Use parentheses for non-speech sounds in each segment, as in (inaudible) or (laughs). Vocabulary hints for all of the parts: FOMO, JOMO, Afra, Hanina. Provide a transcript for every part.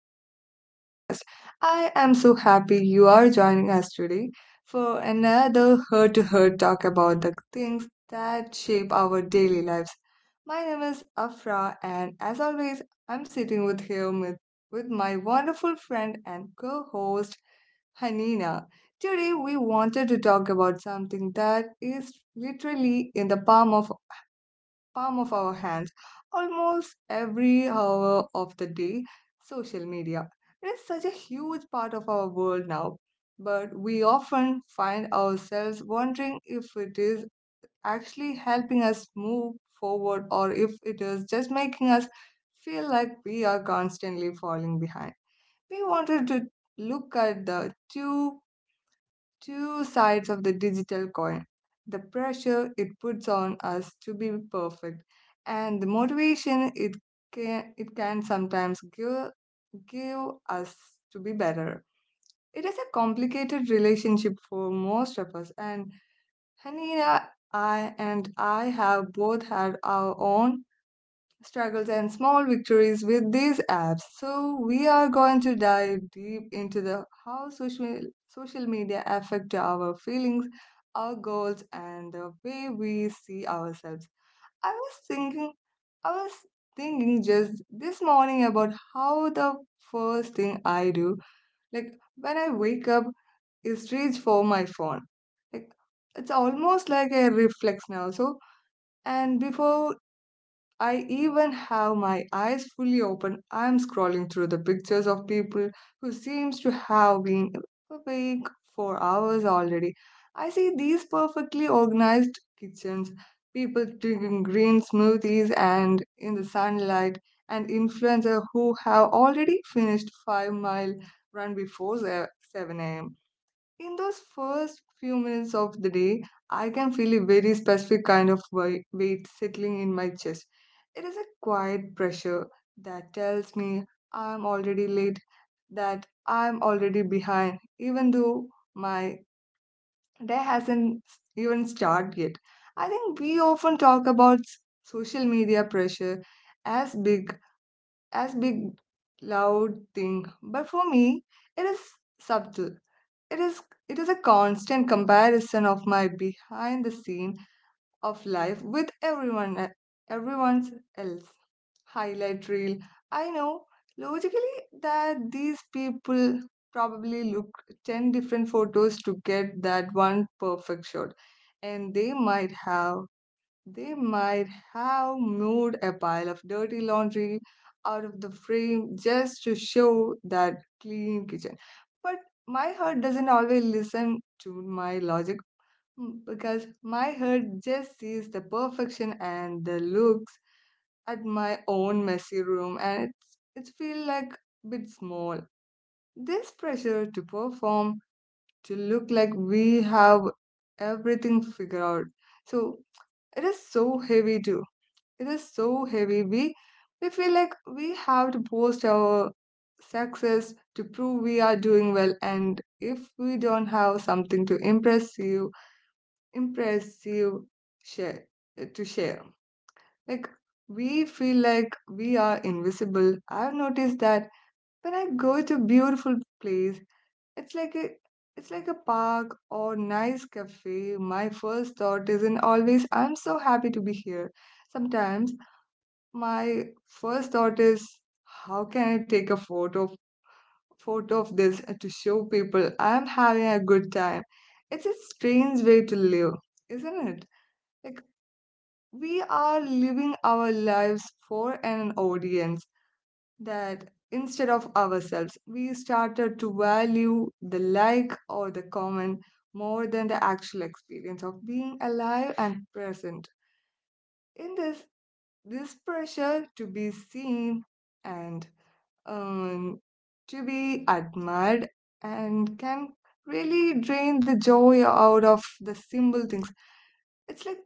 welcome to our podcast. I am so happy you are joining us today for another heart to heart talk about the things that shape our daily lives. My name is Afra, and as always, I'm sitting with here with my wonderful friend and co host, Hanina. Today, we wanted to talk about something that is literally in the palm of our hands almost every hour of the day. Social media, it is such a huge part of our world now, but we often find ourselves wondering if it is actually helping us move forward or if it is just making us feel like we are constantly falling behind. We wanted to look at the two sides of the digital coin, the pressure it puts on us to be perfect and the motivation it can sometimes give us to be better. It is a complicated relationship for most of us, and Hanina, I have both had our own struggles and small victories with these apps. So we are going to dive deep into the how social media affect our feelings, our goals and the way we see ourselves. I was thinking I was thinking just this morning about how the first thing I do, like when I wake up, is reach for my phone. Like it's almost like a reflex now. So and before I even have my eyes fully open, I'm scrolling through the pictures of people who seems to have been awake for hours already. I see these perfectly organized kitchens, people drinking green smoothies and in the sunlight, and influencers who have already finished 5 mile run before 7 a.m. In those first few minutes of the day, I can feel a very specific kind of weight settling in my chest. It is a quiet pressure that tells me I'm already late, that I'm already behind, even though my day hasn't even started yet. I think we often talk about social media pressure as big, as big, loud thing, but for me, it is subtle. It is it is a constant comparison of my behind the scene of life with everyone's else highlight reel. I know logically that these people probably look 10 different photos to get that one perfect shot and they might have moved a pile of dirty laundry out of the frame just to show that clean kitchen. But my heart doesn't always listen to my logic, because my heart just sees the perfection and the looks at my own messy room and it feels like a bit small. This pressure to perform, to look like we have everything figured out. So it is so heavy too, it is so heavy. We feel like we have to post our success to prove we are doing well, and if we don't have something to impress you, share to share like, we feel like we are invisible. I've noticed that when I go to beautiful place, it's like a it's like a park or nice cafe, my first thought isn't always I'm so happy to be here. Sometimes my first thought is, how can I take a photo of this to show people I'm having a good time? It's a strange way to live, isn't it? Like we are living our lives for an audience that instead of ourselves, we started to value the like or the comment more than the actual experience of being alive and present. In this, this pressure to be seen and um, to be admired and can really drain the joy out of the simple things. It's like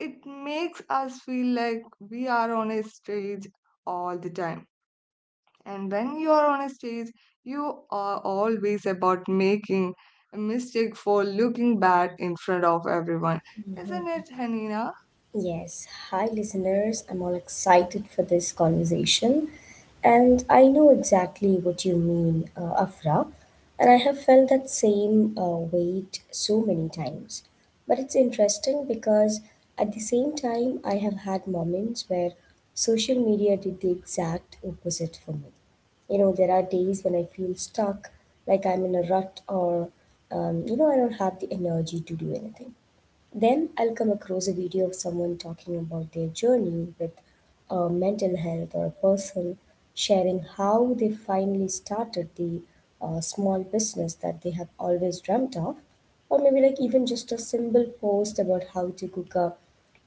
it makes us feel like we are on a stage all the time. And when you are on a stage, you are always about making a mistake for looking bad in front of everyone. Isn't Mhm. it, Hanina? Yes, hi listeners. I'm all excited for this conversation. And I know exactly what you mean, Afra. And I have felt that same weight so many times. But it's interesting because at the same time, I have had moments where social media did the exact opposite for me. You know, there are days when I feel stuck, like I'm in a rut, or, I don't have the energy to do anything. Then I'll come across a video of someone talking about their journey with mental health, or a person sharing how they finally started the small business that they have always dreamt of, or maybe like even just a simple post about how to cook a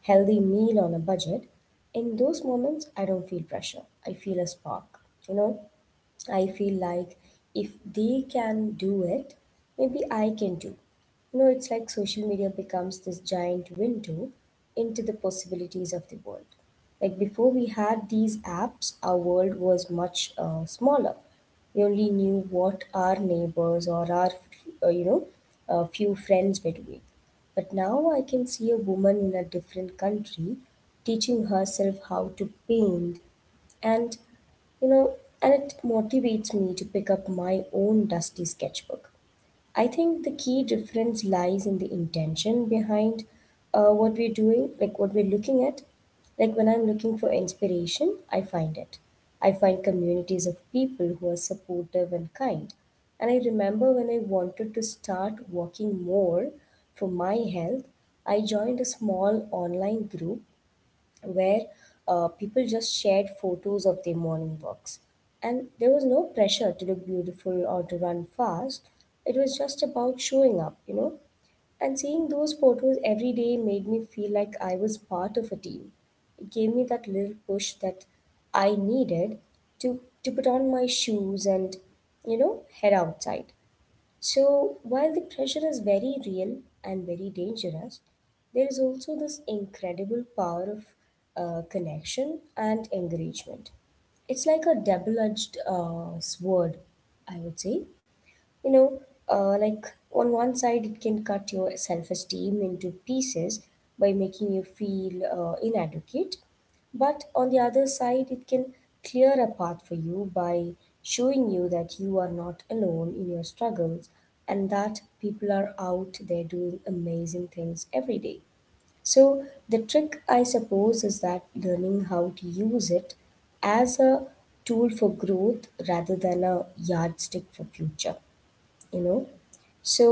healthy meal on a budget. In those moments, I don't feel pressure, I feel a spark, you know I feel like if they can do it, maybe I can too. It's like social media becomes this giant window into the possibilities of the world. Like before we had these apps, our world was much smaller. We only knew what our neighbors or our, uh, you know, a few friends were doing. But now I can see a woman in a different country teaching herself how to paint, and you know and it motivates me to pick up my own dusty sketchbook. I think the key difference lies in the intention behind what we're doing, like what we're looking at. Like when I'm looking for inspiration, I find communities of people who are supportive and kind. And I remember when I wanted to start working more for my health, I joined a small online group where people just shared photos of their morning walks. And there was no pressure to look beautiful or to run fast. It was just about showing up, you know. And seeing those photos every day made me feel like I was part of a team. It gave me that little push that I needed to, to put on my shoes and head outside. So, while the pressure is very real and very dangerous, there is also this incredible power of connection and encouragement. It's like a double edged sword, I would say, you know like, on one side it can cut your self-esteem into pieces by making you feel inadequate, but on the other side it can clear a path for you by showing you that you are not alone in your struggles, and that people are out there doing amazing things every day. So the trick, I suppose, is that learning how to use it as a tool for growth rather than a yardstick for future you know so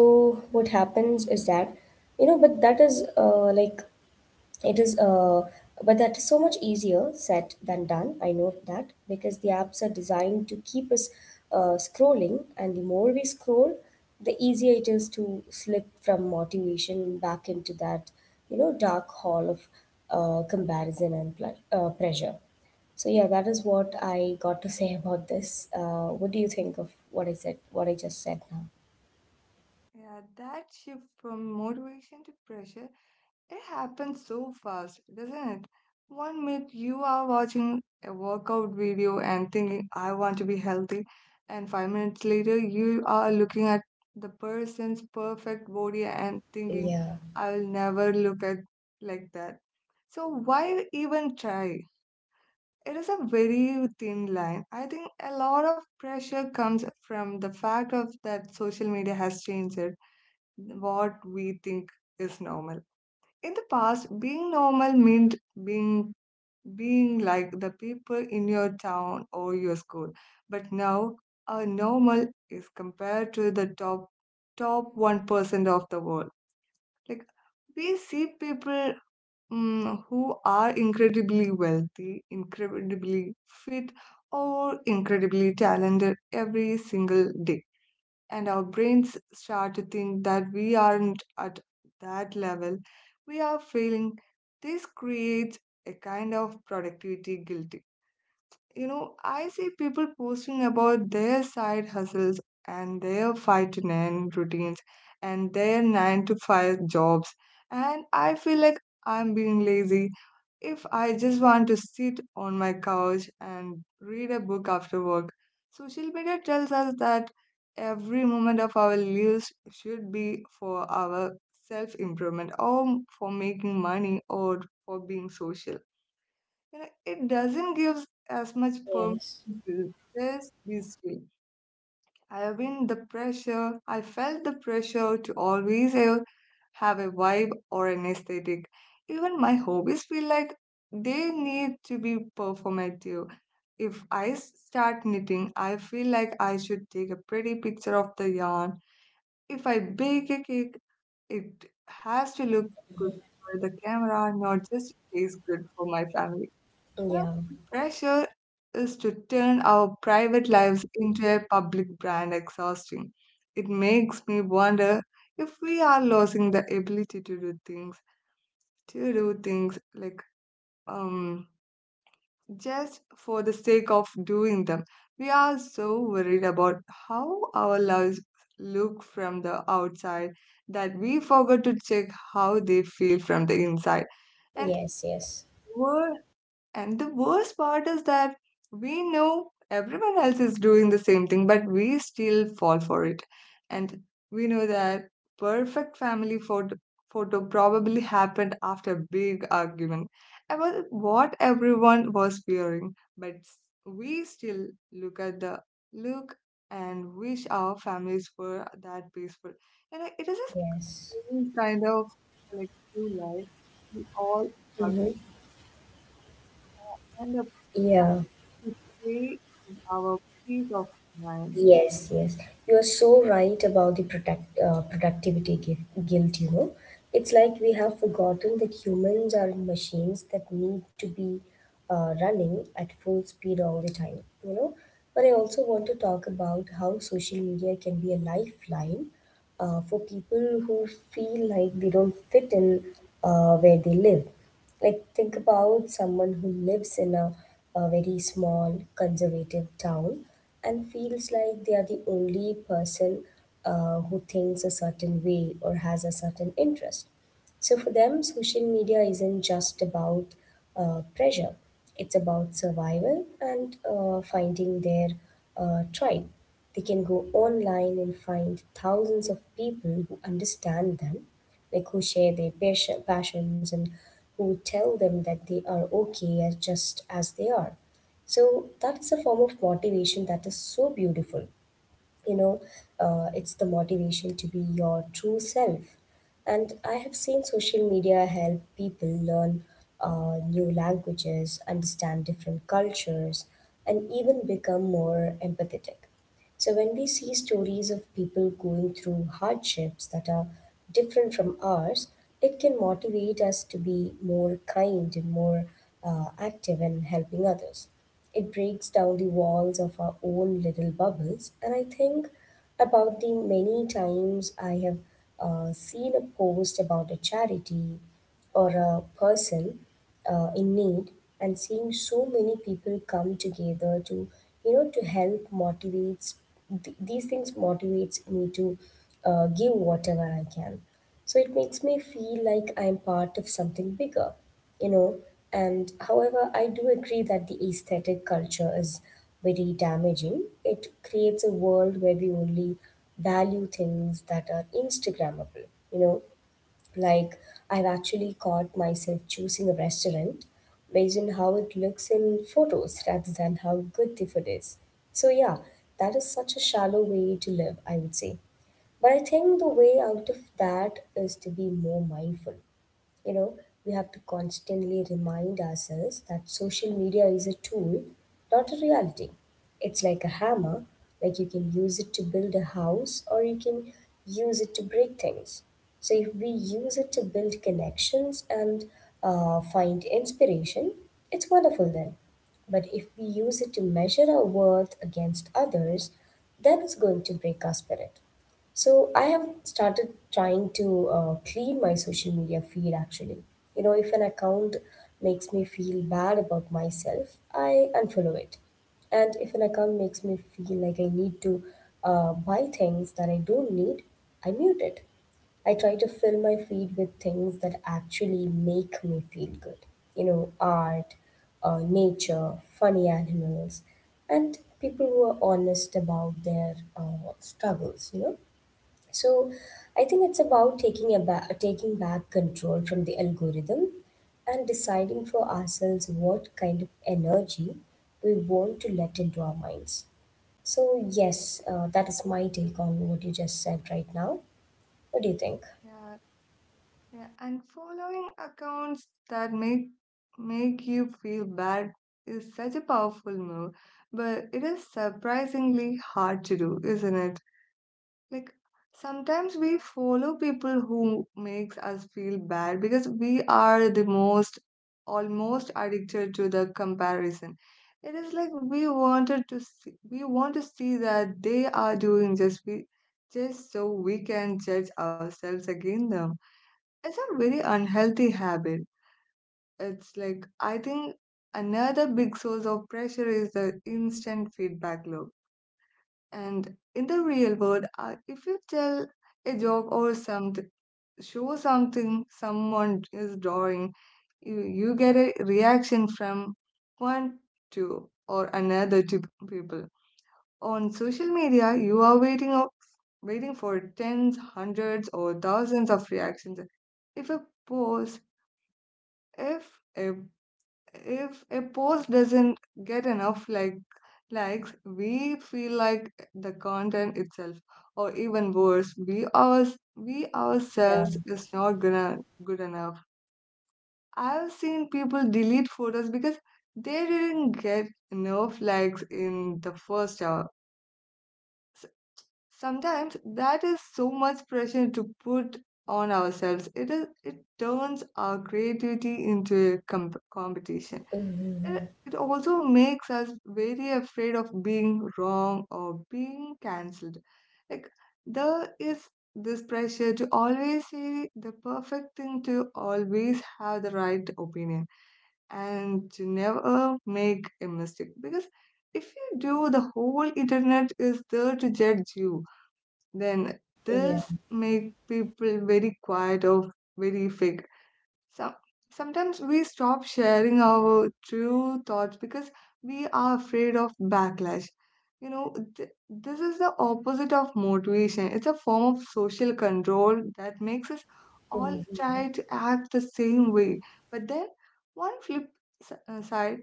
what happens is that, you know, but that is, like it is, but that is so much easier said than done. I know that because the apps are designed to keep us scrolling, and the more we scroll, the easier it is to slip from motivation back into that dark hall of comparison and pressure. So yeah, that is what I got to (laughs) say about this. What do you think of what I just said now? Yeah, yeah, that shift from motivation to pressure, it happens so fast, doesn't it? 1 minute you are watching a workout video and thinking, I want to be healthy, and 5 minutes later you are looking at the person's perfect body and thinking, Yeah. I will never look at like that. So why even try? It is a very thin line. I think a lot of pressure comes from the fact of that social media has changed it, what we think is normal. In the past, being normal meant being being like the people in your town or your school. But now, a normal is compared to the top 1% of the world. Like we see people who are incredibly wealthy, incredibly fit, or incredibly talented every single day, and our brains start to think that we aren't at that level, we are failing. This creates a kind of productivity guilt. You know, I see people posting about their side hustles and their 5 to 9 routines and their 9 to 5 jobs, and I feel like I'm being lazy if I just want to sit on my couch and read a book after work. Social media tells us that every moment of our lives should be for our self improvement or for making money or for being social. You know, it doesn't give as much permission Yes. to just be still. I have been the pressure, I felt the pressure to always have a vibe or an aesthetic. Even my hobbies feel like they need to be performative. If I start knitting, I feel like I should take a pretty picture of the yarn. If I bake a cake, it has to look good for the camera, not just taste good for my family. You know, Yeah. the pressure is to turn our private lives into a public brand exhausting. It makes me wonder if we are losing the ability to do things like um just for the sake of doing them. We are so worried about how our lives look from the outside that we forget to check how they feel from the inside. And Yes. Yes. And the worst part is that we know everyone else is doing the same thing, but we still fall for it. And we know that perfect family photo probably happened after a big argument about what everyone was wearing, but we still look at the look and wish our families were that peaceful. You know, it is a Yes. strange kind of collective life we all partner Mm-hmm. end up. Yeah. History is our peace of mind. Yes. Yes. You are so right about the productivity guilt. You know, it's like we have forgotten that humans are machines that need to be running at full speed all the time. But I also want to talk about how social media can be a lifeline for people who feel like they don't fit in where they live. Like, think about someone who lives in a very small, conservative town and feels like they are the only person who thinks a certain way or has a certain interest. So for them, social media isn't just about pressure, it's about survival and finding their tribe. They can go online and find thousands of people who understand them, like who share their passions, and who tell them that they are okay as just as they are. So that is a form of motivation that is so beautiful you know it's the motivation to be your true self. And I have seen social media help people learn new languages, understand different cultures, and even become more empathetic. So, when we see stories of people going through hardships that are different from ours, it can motivate us to be more kind and more active in helping others. It breaks down the walls of our own little bubbles, and I think about the many times I have seen a post about a charity or a person in need, and seeing so many people come together to you know to help motivates, these things motivates me to give whatever I can. So it makes me feel like I'm part of something bigger you know and however, I do agree that the aesthetic culture is very damaging. It creates a world where we only value things that are instagrammable, like, I've actually caught myself choosing a restaurant based on how it looks in photos rather than how good the food is. So, yeah, that is such a shallow way to live, I would say. But I think the way out of that is to be more mindful. You know, we have to constantly remind ourselves that social media is a tool, not a reality. It's like a hammer, like you can use it to build a house or you can use it to break things. So, if we use it to build connections and find inspiration, it's wonderful then. But if we use it to measure our worth against others, then it's going to break our spirit. So I have started trying to clean my social media feed actually. If an account makes me feel bad about myself, I unfollow it. And if an account makes me feel like I need to buy things that I don't need, I mute it. I try to fill my feed with things that actually make me feel good. Art, nature, funny animals, and people who are honest about their struggles. So I think it's about taking back control from the algorithm and deciding for ourselves what kind of energy we want to let into our minds. So yes, that is my take on what you just said right now. What do you think? Yeah, yeah, and following accounts that make you feel bad is such a powerful move, but it is surprisingly hard to do, isn't it? Like sometimes we follow people who makes us feel bad because we are the most almost addicted to the comparison. It is like we want to see that they are doing, just we just so we can judge ourselves against them. It's a very unhealthy habit. It's like, I think another big source of pressure is the instant feedback loop. And in the real world, if you tell a joke or something, show something someone is drawing, you get a reaction from one, two, or another two people. On social media, you are waiting for tens, hundreds, or thousands of reactions. If a post, if a if a post doesn't get enough likes, we feel like the content itself or even worse we Yeah. ourselves is not gonna good enough. I've seen people delete photos because they didn't get enough likes in the first hour. S- Sometimes that is so much pressure to put on ourselves. It is, it turns our creativity into a competition. uh, Mm-hmm. It also makes us very afraid of being wrong or being cancelled. Like, there is this pressure to always say the perfect thing, to always have the right opinion, and to never make a mistake. Because if you do, the whole internet is there to judge you. Then Yeah. this make people very quiet or very fake. Some Sometimes we stop sharing our true thoughts because we are afraid of backlash. You know, this is the opposite of motivation. It's a form of social control that makes us all try to act the same way. But then, one flip s- side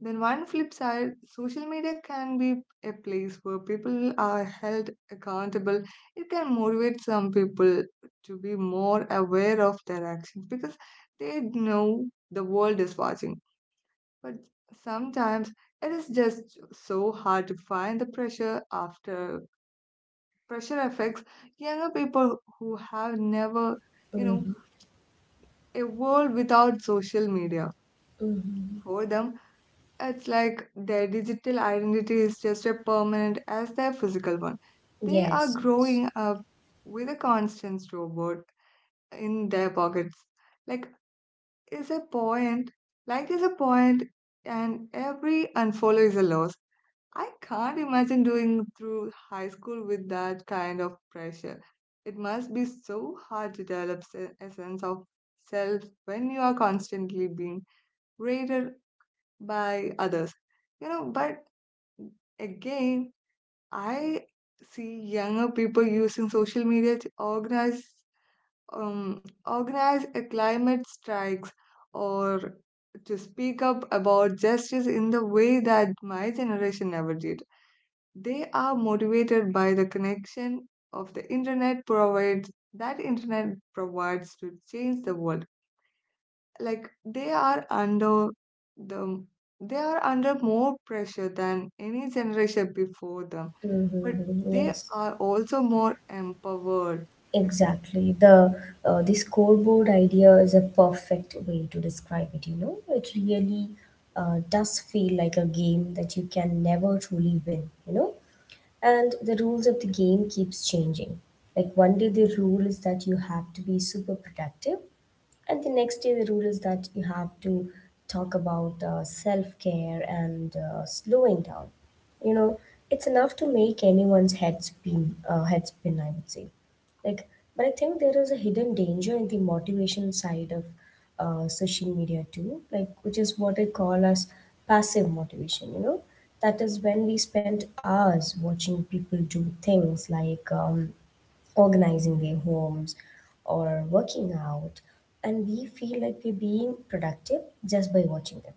one flip side, social media can be a place where people are held accountable. It can motivate some people to be more aware of their actions because they know the world is watching. But sometimes it is just so hard to find the pressure affects younger people who have never, you know, Mm-hmm. a world without social media. Mm-hmm. For them, it's like their digital identity is just as permanent as their physical one. They are Yes. Yes. growing up with a constant robot in their pockets. Like is a point, like is a point, and every unfollow is a loss. I can't imagine doing through high school with that kind of pressure. It must be so hard to develop a sense of self when you are constantly being rated by others. But again, I see younger people using social media to organize a climate strikes or to speak up about justice in the way that my generation never did. They are motivated by the connection of the internet provides that internet provides to change the world. like they are under the they are under more pressure than any generation before them, but Mm-hmm. they Yes. are also more empowered. Like, Exactly. The scoreboard idea is a perfect way to describe it. It really does feel like a game that you can never truly win. And the rules of the game keeps changing. Like one day the rule is that you have to be super productive, and the next day, the rule is that you have to talk about self care and slowing down. You know, it's enough to make anyone's head spin, I would say. Like, but I think there is a hidden danger in the motivation side of social media too, like, which is what I call as passive motivation. That is when we spend hours watching people do things like organizing their homes or working out, and we feel like we're being productive just by watching them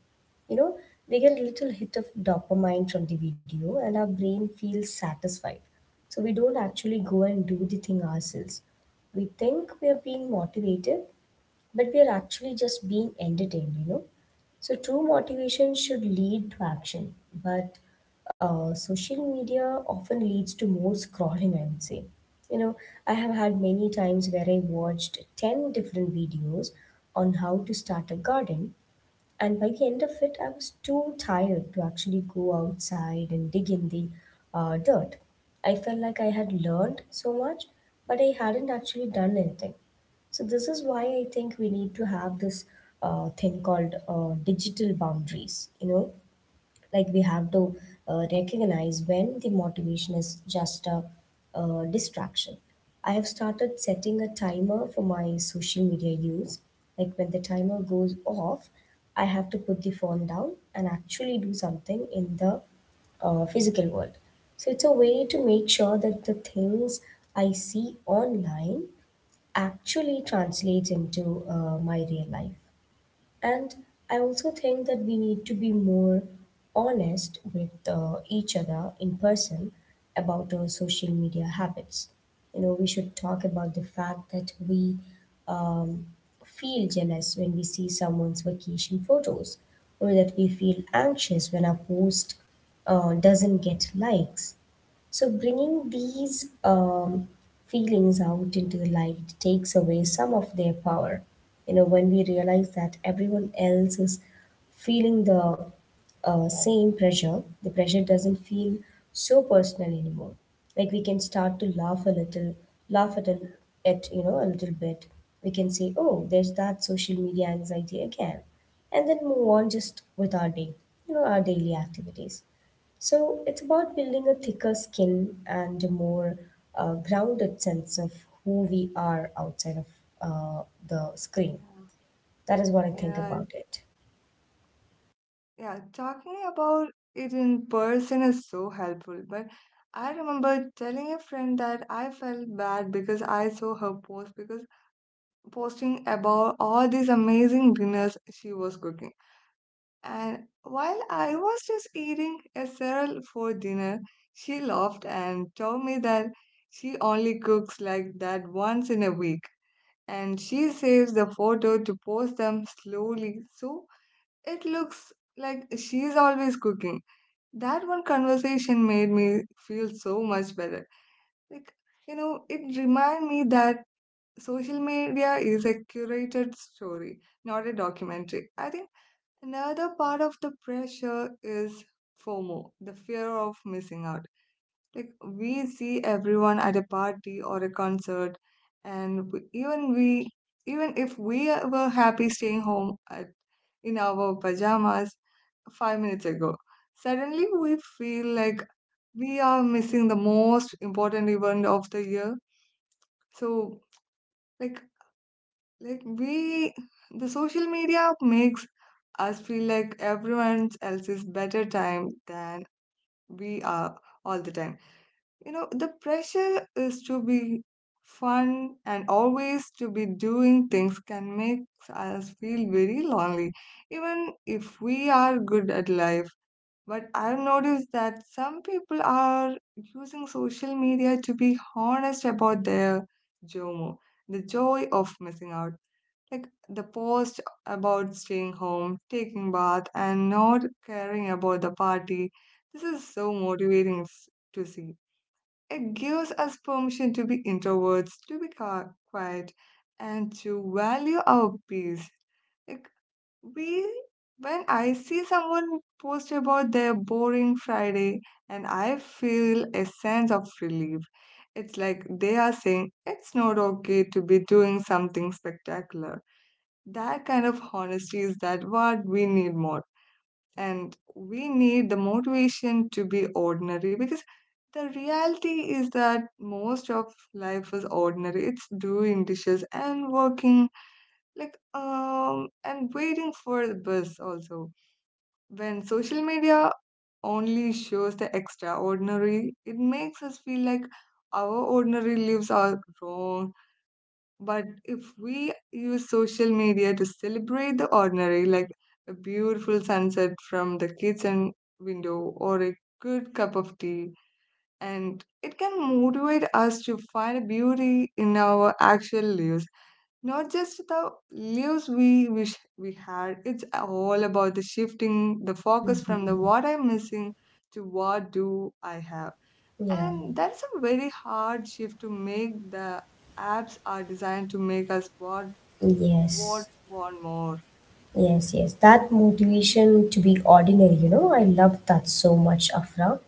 you know we get a little hit of dopamine from the video, and our brain feels satisfied, so we don't actually go and do the thing ourselves. We think we are being motivated, but we are actually just being entertained. So true motivation should lead to action, but social media often leads to more scrolling, I would say. You know, I have had many times where I watched 10 different videos on how to start a garden, and by the end of it, I was too tired to actually go outside and dig in the dirt. I felt like I had learned so much, but I hadn't actually done anything. So, this is why I think we need to have this thing called digital boundaries, like we have to recognize when the motivation is just a distraction. I have started setting a timer for my social media use. Like when the timer goes off, I have to put the phone down and actually do something in the physical world. So it's a way to make sure that the things I see online actually translates into my real life. And I also think that we need to be more honest with each other in person about our social media habits. You know, we should talk about the fact that we um, feel jealous when we see someone's vacation photos, or that we feel anxious when our post doesn't get likes. So, bringing these feelings out into the light takes away some of their power. You know, when we realize that everyone else is feeling the same pressure, the pressure doesn't feel so personal anymore. Like we can start to laugh a little, laugh at a little bit. We can say, "Oh, there's that social media anxiety again," and then move on just with our day, you know, our daily activities. So it's about building a thicker skin and a more grounded sense of who we are outside of uh, the screen. That is what I think yeah, yeah, about it. yeah. Talking about it in person is so helpful, but I remember telling a friend that I felt bad because I saw her post, because posting about all these amazing dinners she was cooking, and while I was just eating a cereal for dinner, she laughed and told me that she only cooks like that once in a week, and she saves the photo to post them slowly so it looks like she's always cooking. That one conversation made me feel so much better. Like, it reminded me that social media is a curated story, not a documentary. I think another part of the pressure is FOMO, the fear of missing out. Like we see everyone at a party or a concert, and even if we were happy staying home in our pajamas 5 minutes ago, suddenly we feel like we are missing the most important event of the year. So, like like we, the social media makes us feel like everyone else is better time than we are all the time. You know, the pressure is to be fun and always to be doing things can make us feel very lonely, even if we are good at life. But I've noticed that some people are using social media to be honest about their JOMO, the joy of missing out, like the post about staying home, taking bath, and not caring about the party. This is so motivating to see. It gives us permission to be introverts, to be quiet, and to value our peace. Like we, when I see someone post about their boring Friday, and I feel a sense of relief. It's like they are saying it's not okay to be doing something spectacular. That kind of honesty is that what we need more. And we need the motivation to be ordinary because the reality is that most of life is ordinary. It's doing dishes and working, and waiting for the bus also. When social media only shows the extraordinary, it makes us feel like our ordinary lives are wrong. But if we use social media to celebrate the ordinary, like a beautiful sunset from the kitchen window or a good cup of tea, and it can motivate us to find beauty in our actual lives, not just the lives we wish we had. It's all about the shifting the focus from the what I'm missing to what do I have. Yeah, And that's a very hard shift to make. The apps are designed to make us what yes, want more. yes. That motivation to be ordinary, you know, I love that so much, Afra.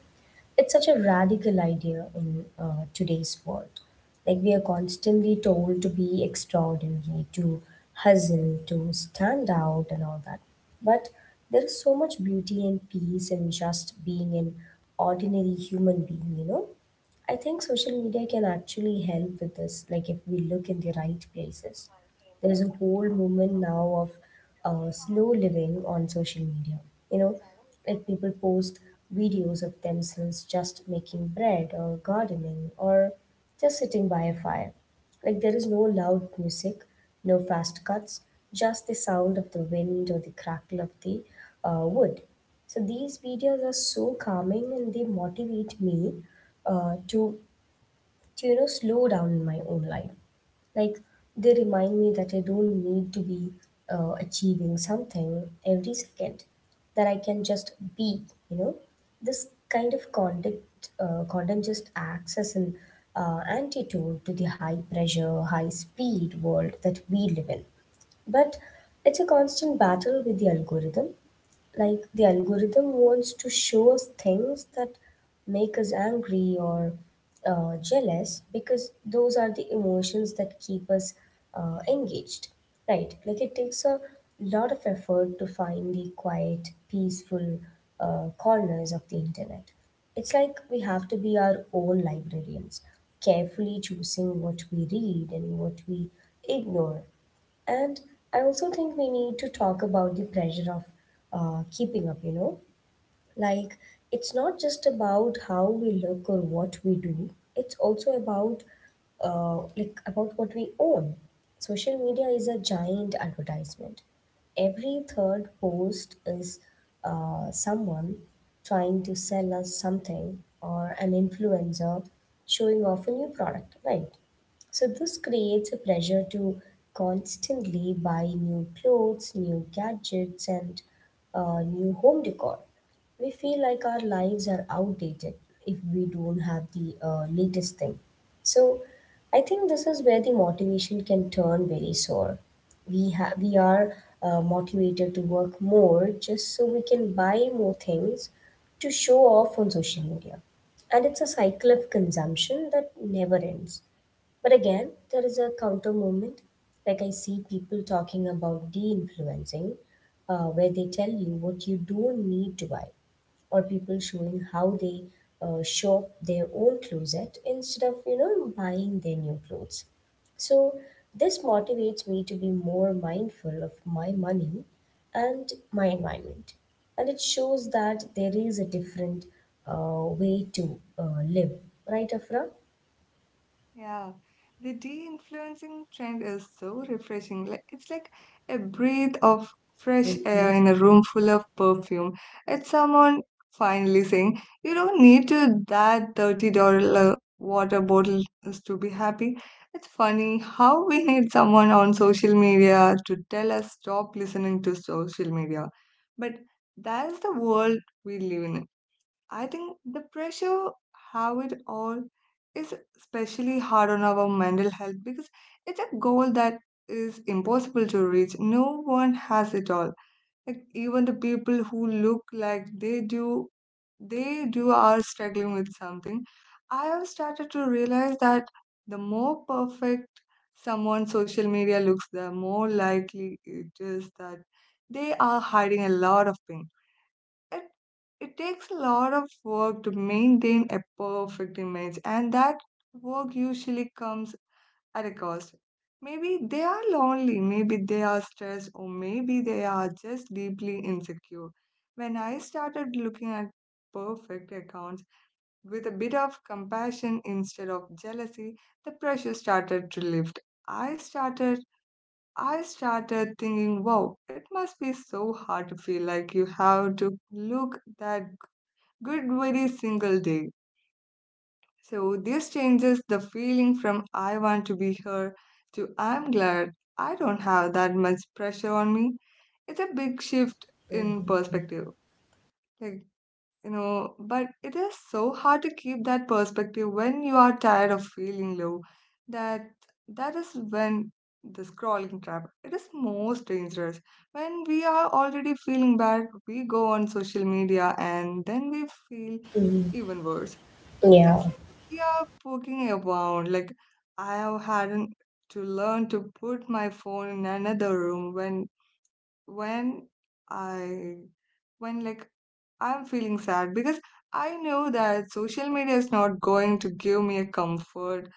It's such a radical idea in today's world. Like, we are constantly told to be extraordinary, to hustle, to stand out, and all that. But there is so much beauty and peace in just being an ordinary human being, you know? I think social media can actually help with this, like, if we look in the right places. There's a whole movement now of slow living on social media. You know, like people post videos of themselves just making bread or gardening or just sitting by a fire. Like there is no loud music, no fast cuts, just the sound of the wind or the crackle of the wood. So these videos are so calming and they motivate me uh, to, to slow down in my own life. Like, they remind me that I don't need to be achieving something every second, that I can just be, you know. This kind of content just acts as an antidote to the high pressure, high speed world that we live in. But it's a constant battle with the algorithm. Like the algorithm wants to show us things that make us angry or jealous because those are the emotions that keep us engaged. Right? Like it takes a lot of effort to find the quiet, peaceful corners of the internet. It's like we have to be our own librarians, carefully choosing what we read and what we ignore. And I also think we need to talk about the pressure of keeping up, you know, like, it's not just about how we look or what we do, it's also about about what we own. Social media is a giant advertisement. Every third post is someone trying to sell us something or an influencer showing off a new product, right? So this creates a pressure to constantly buy new clothes, new gadgets, and new home decor. We feel like our lives are outdated if we don't have the latest thing. So, I think this is where the motivation can turn very sore. We are motivated to work more just so we can buy more things to show off on social media, and it's a cycle of consumption that never ends. But again, there is a counter movement. Like I see people talking about de influencing, where they tell you what you don't need to buy, or people showing how they shop their own closet instead of buying their new clothes. So this motivates me to be more mindful of my money and my environment, and it shows that there is a different way to live, right, Afra? Yeah, the de-influencing trend is so refreshing. Like it's like a breath of fresh Mm-hmm. air in a room full of perfume. It's someone finally saying, "You don't need to that $30 water bottle is to be happy." It's funny how we need someone on social media to tell us stop listening to social media. But that's the world we live in. I think the pressure, how it all is especially hard on our mental health because it's a goal that is impossible to reach. No one has it all. Like even the people who look like they do are struggling with something. I have started to realize that the more perfect someone's social media looks, the more likely it is that they are hiding a lot of pain. It, it takes a lot of work to maintain a perfect image, and that work usually comes at a cost. Maybe they are lonely, maybe they are stressed, or maybe they are just deeply insecure. When I started looking at perfect accounts with a bit of compassion instead of jealousy, the pressure started to lift. I started I started thinking, wow, it must be so hard to feel like you have to look that good very single day. So this changes the feeling from I want to be here to I'm glad I don't have that much pressure on me. It's a big shift in Mm-hmm. perspective. Like, but it is so hard to keep that perspective when you are tired of feeling low. That that is when the scrolling trap it is most dangerous. When we are already feeling bad, we go on social media and then we feel even worse. Yeah, It's like we are poking around. Like I have had to learn to put my phone in another room when I when like I'm feeling sad because I know that social media is not going to give me a comfort,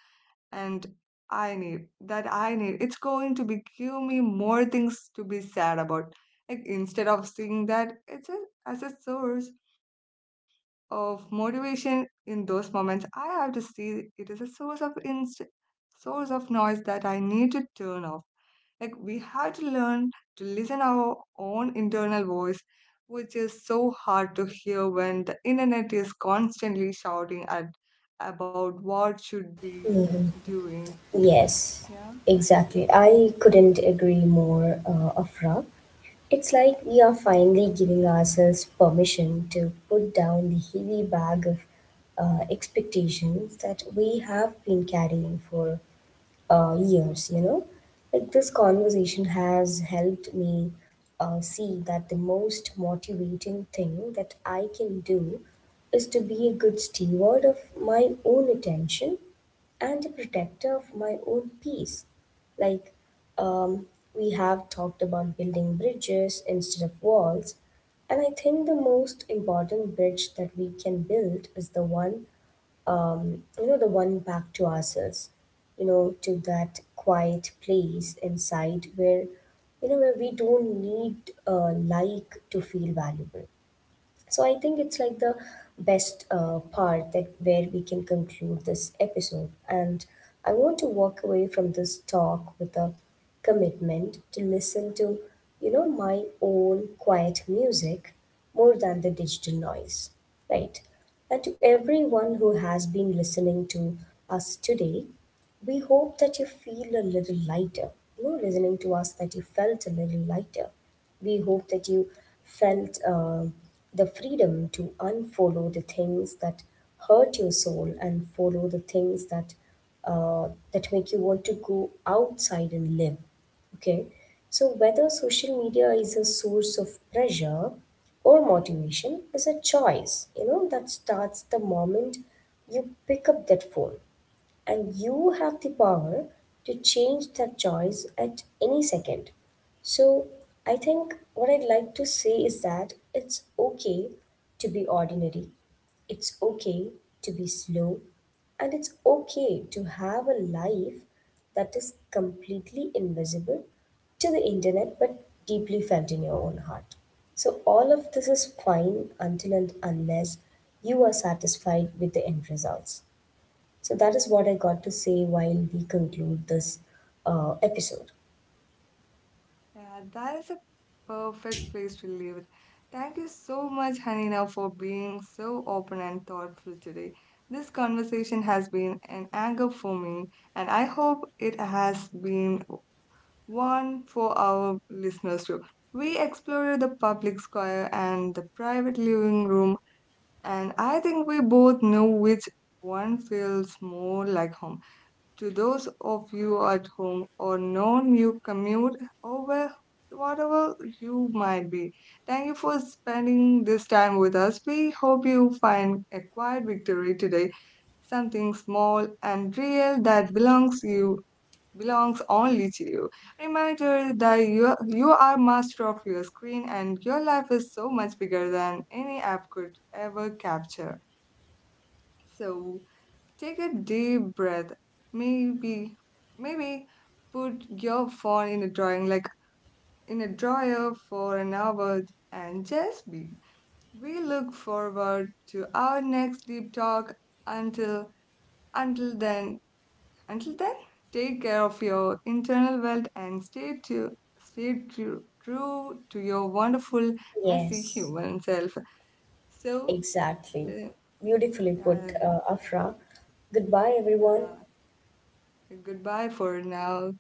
and I need. It's going to be give me more things to be sad about. Like instead of seeing that as a source of motivation in those moments, I have to see it is a source of noise that I need to turn off. Like we have to learn to listen our own internal voice, which is so hard to hear when the internet is constantly shouting at about what should be doing. yes, Yeah. exactly. I couldn't agree more, Afra. It's like we are finally giving ourselves permission to put down the heavy bag of expectations that we have been carrying for years, you know. Like this conversation has helped me see that the most motivating thing that I can do is to be a good steward of my own attention and a protector of my own peace. Like, um, we have talked about building bridges instead of walls, and I think the most important bridge that we can build is the the one back to ourselves, you know, to that quiet place inside where, you know, where we don't need to feel valuable. So I think it's like the best part that where we can conclude this episode. And I want to walk away from this talk with a commitment to listen to, you know, my own quiet music more than the digital noise, right? And to everyone who has been listening to us today, we hope that you feel a little lighter. You know, listening to us, that you felt a little lighter, we hope that you felt the freedom to unfollow the things that hurt your soul and follow the things that uh, that make you want to go outside and live. Okay, so whether social media is a source of pressure or motivation is a choice. You know that starts the moment you pick up that phone, and you have the power to change that choice at any second. So, I think what I'd like to say is that it's okay to be ordinary, it's okay to be slow, and it's okay to have a life that is completely invisible to the internet but deeply felt in your own heart. So, all of this is fine until and unless you are satisfied with the end results. So that is what I got to say while we conclude this episode. Yeah, that is a perfect place to leave it. Thank you so much, Hanina, for being so open and thoughtful today. This conversation has been an anchor for me, and I hope it has been one for our listeners too. We explored the public square and the private living room, and I think we both know which one feels more like home to those of you at home or known you commute or whatever you might be. Thank you for spending this time with us. We hope you find a quiet victory today, something small and real that belongs only to you. Reminder that you are master of your screen, and your life is so much bigger than any app could ever capture. So take a deep breath. Maybe, maybe put your phone in a drawing, like in a drawer for an hour and just be. We look forward to our next deep talk. Until, until then, until then, take care of your internal world and stay true to your wonderful, messy Yes. human self. So, Exactly. uh, Beautifully put, uh, Afra. Goodbye, everyone. uh, goodbye for now.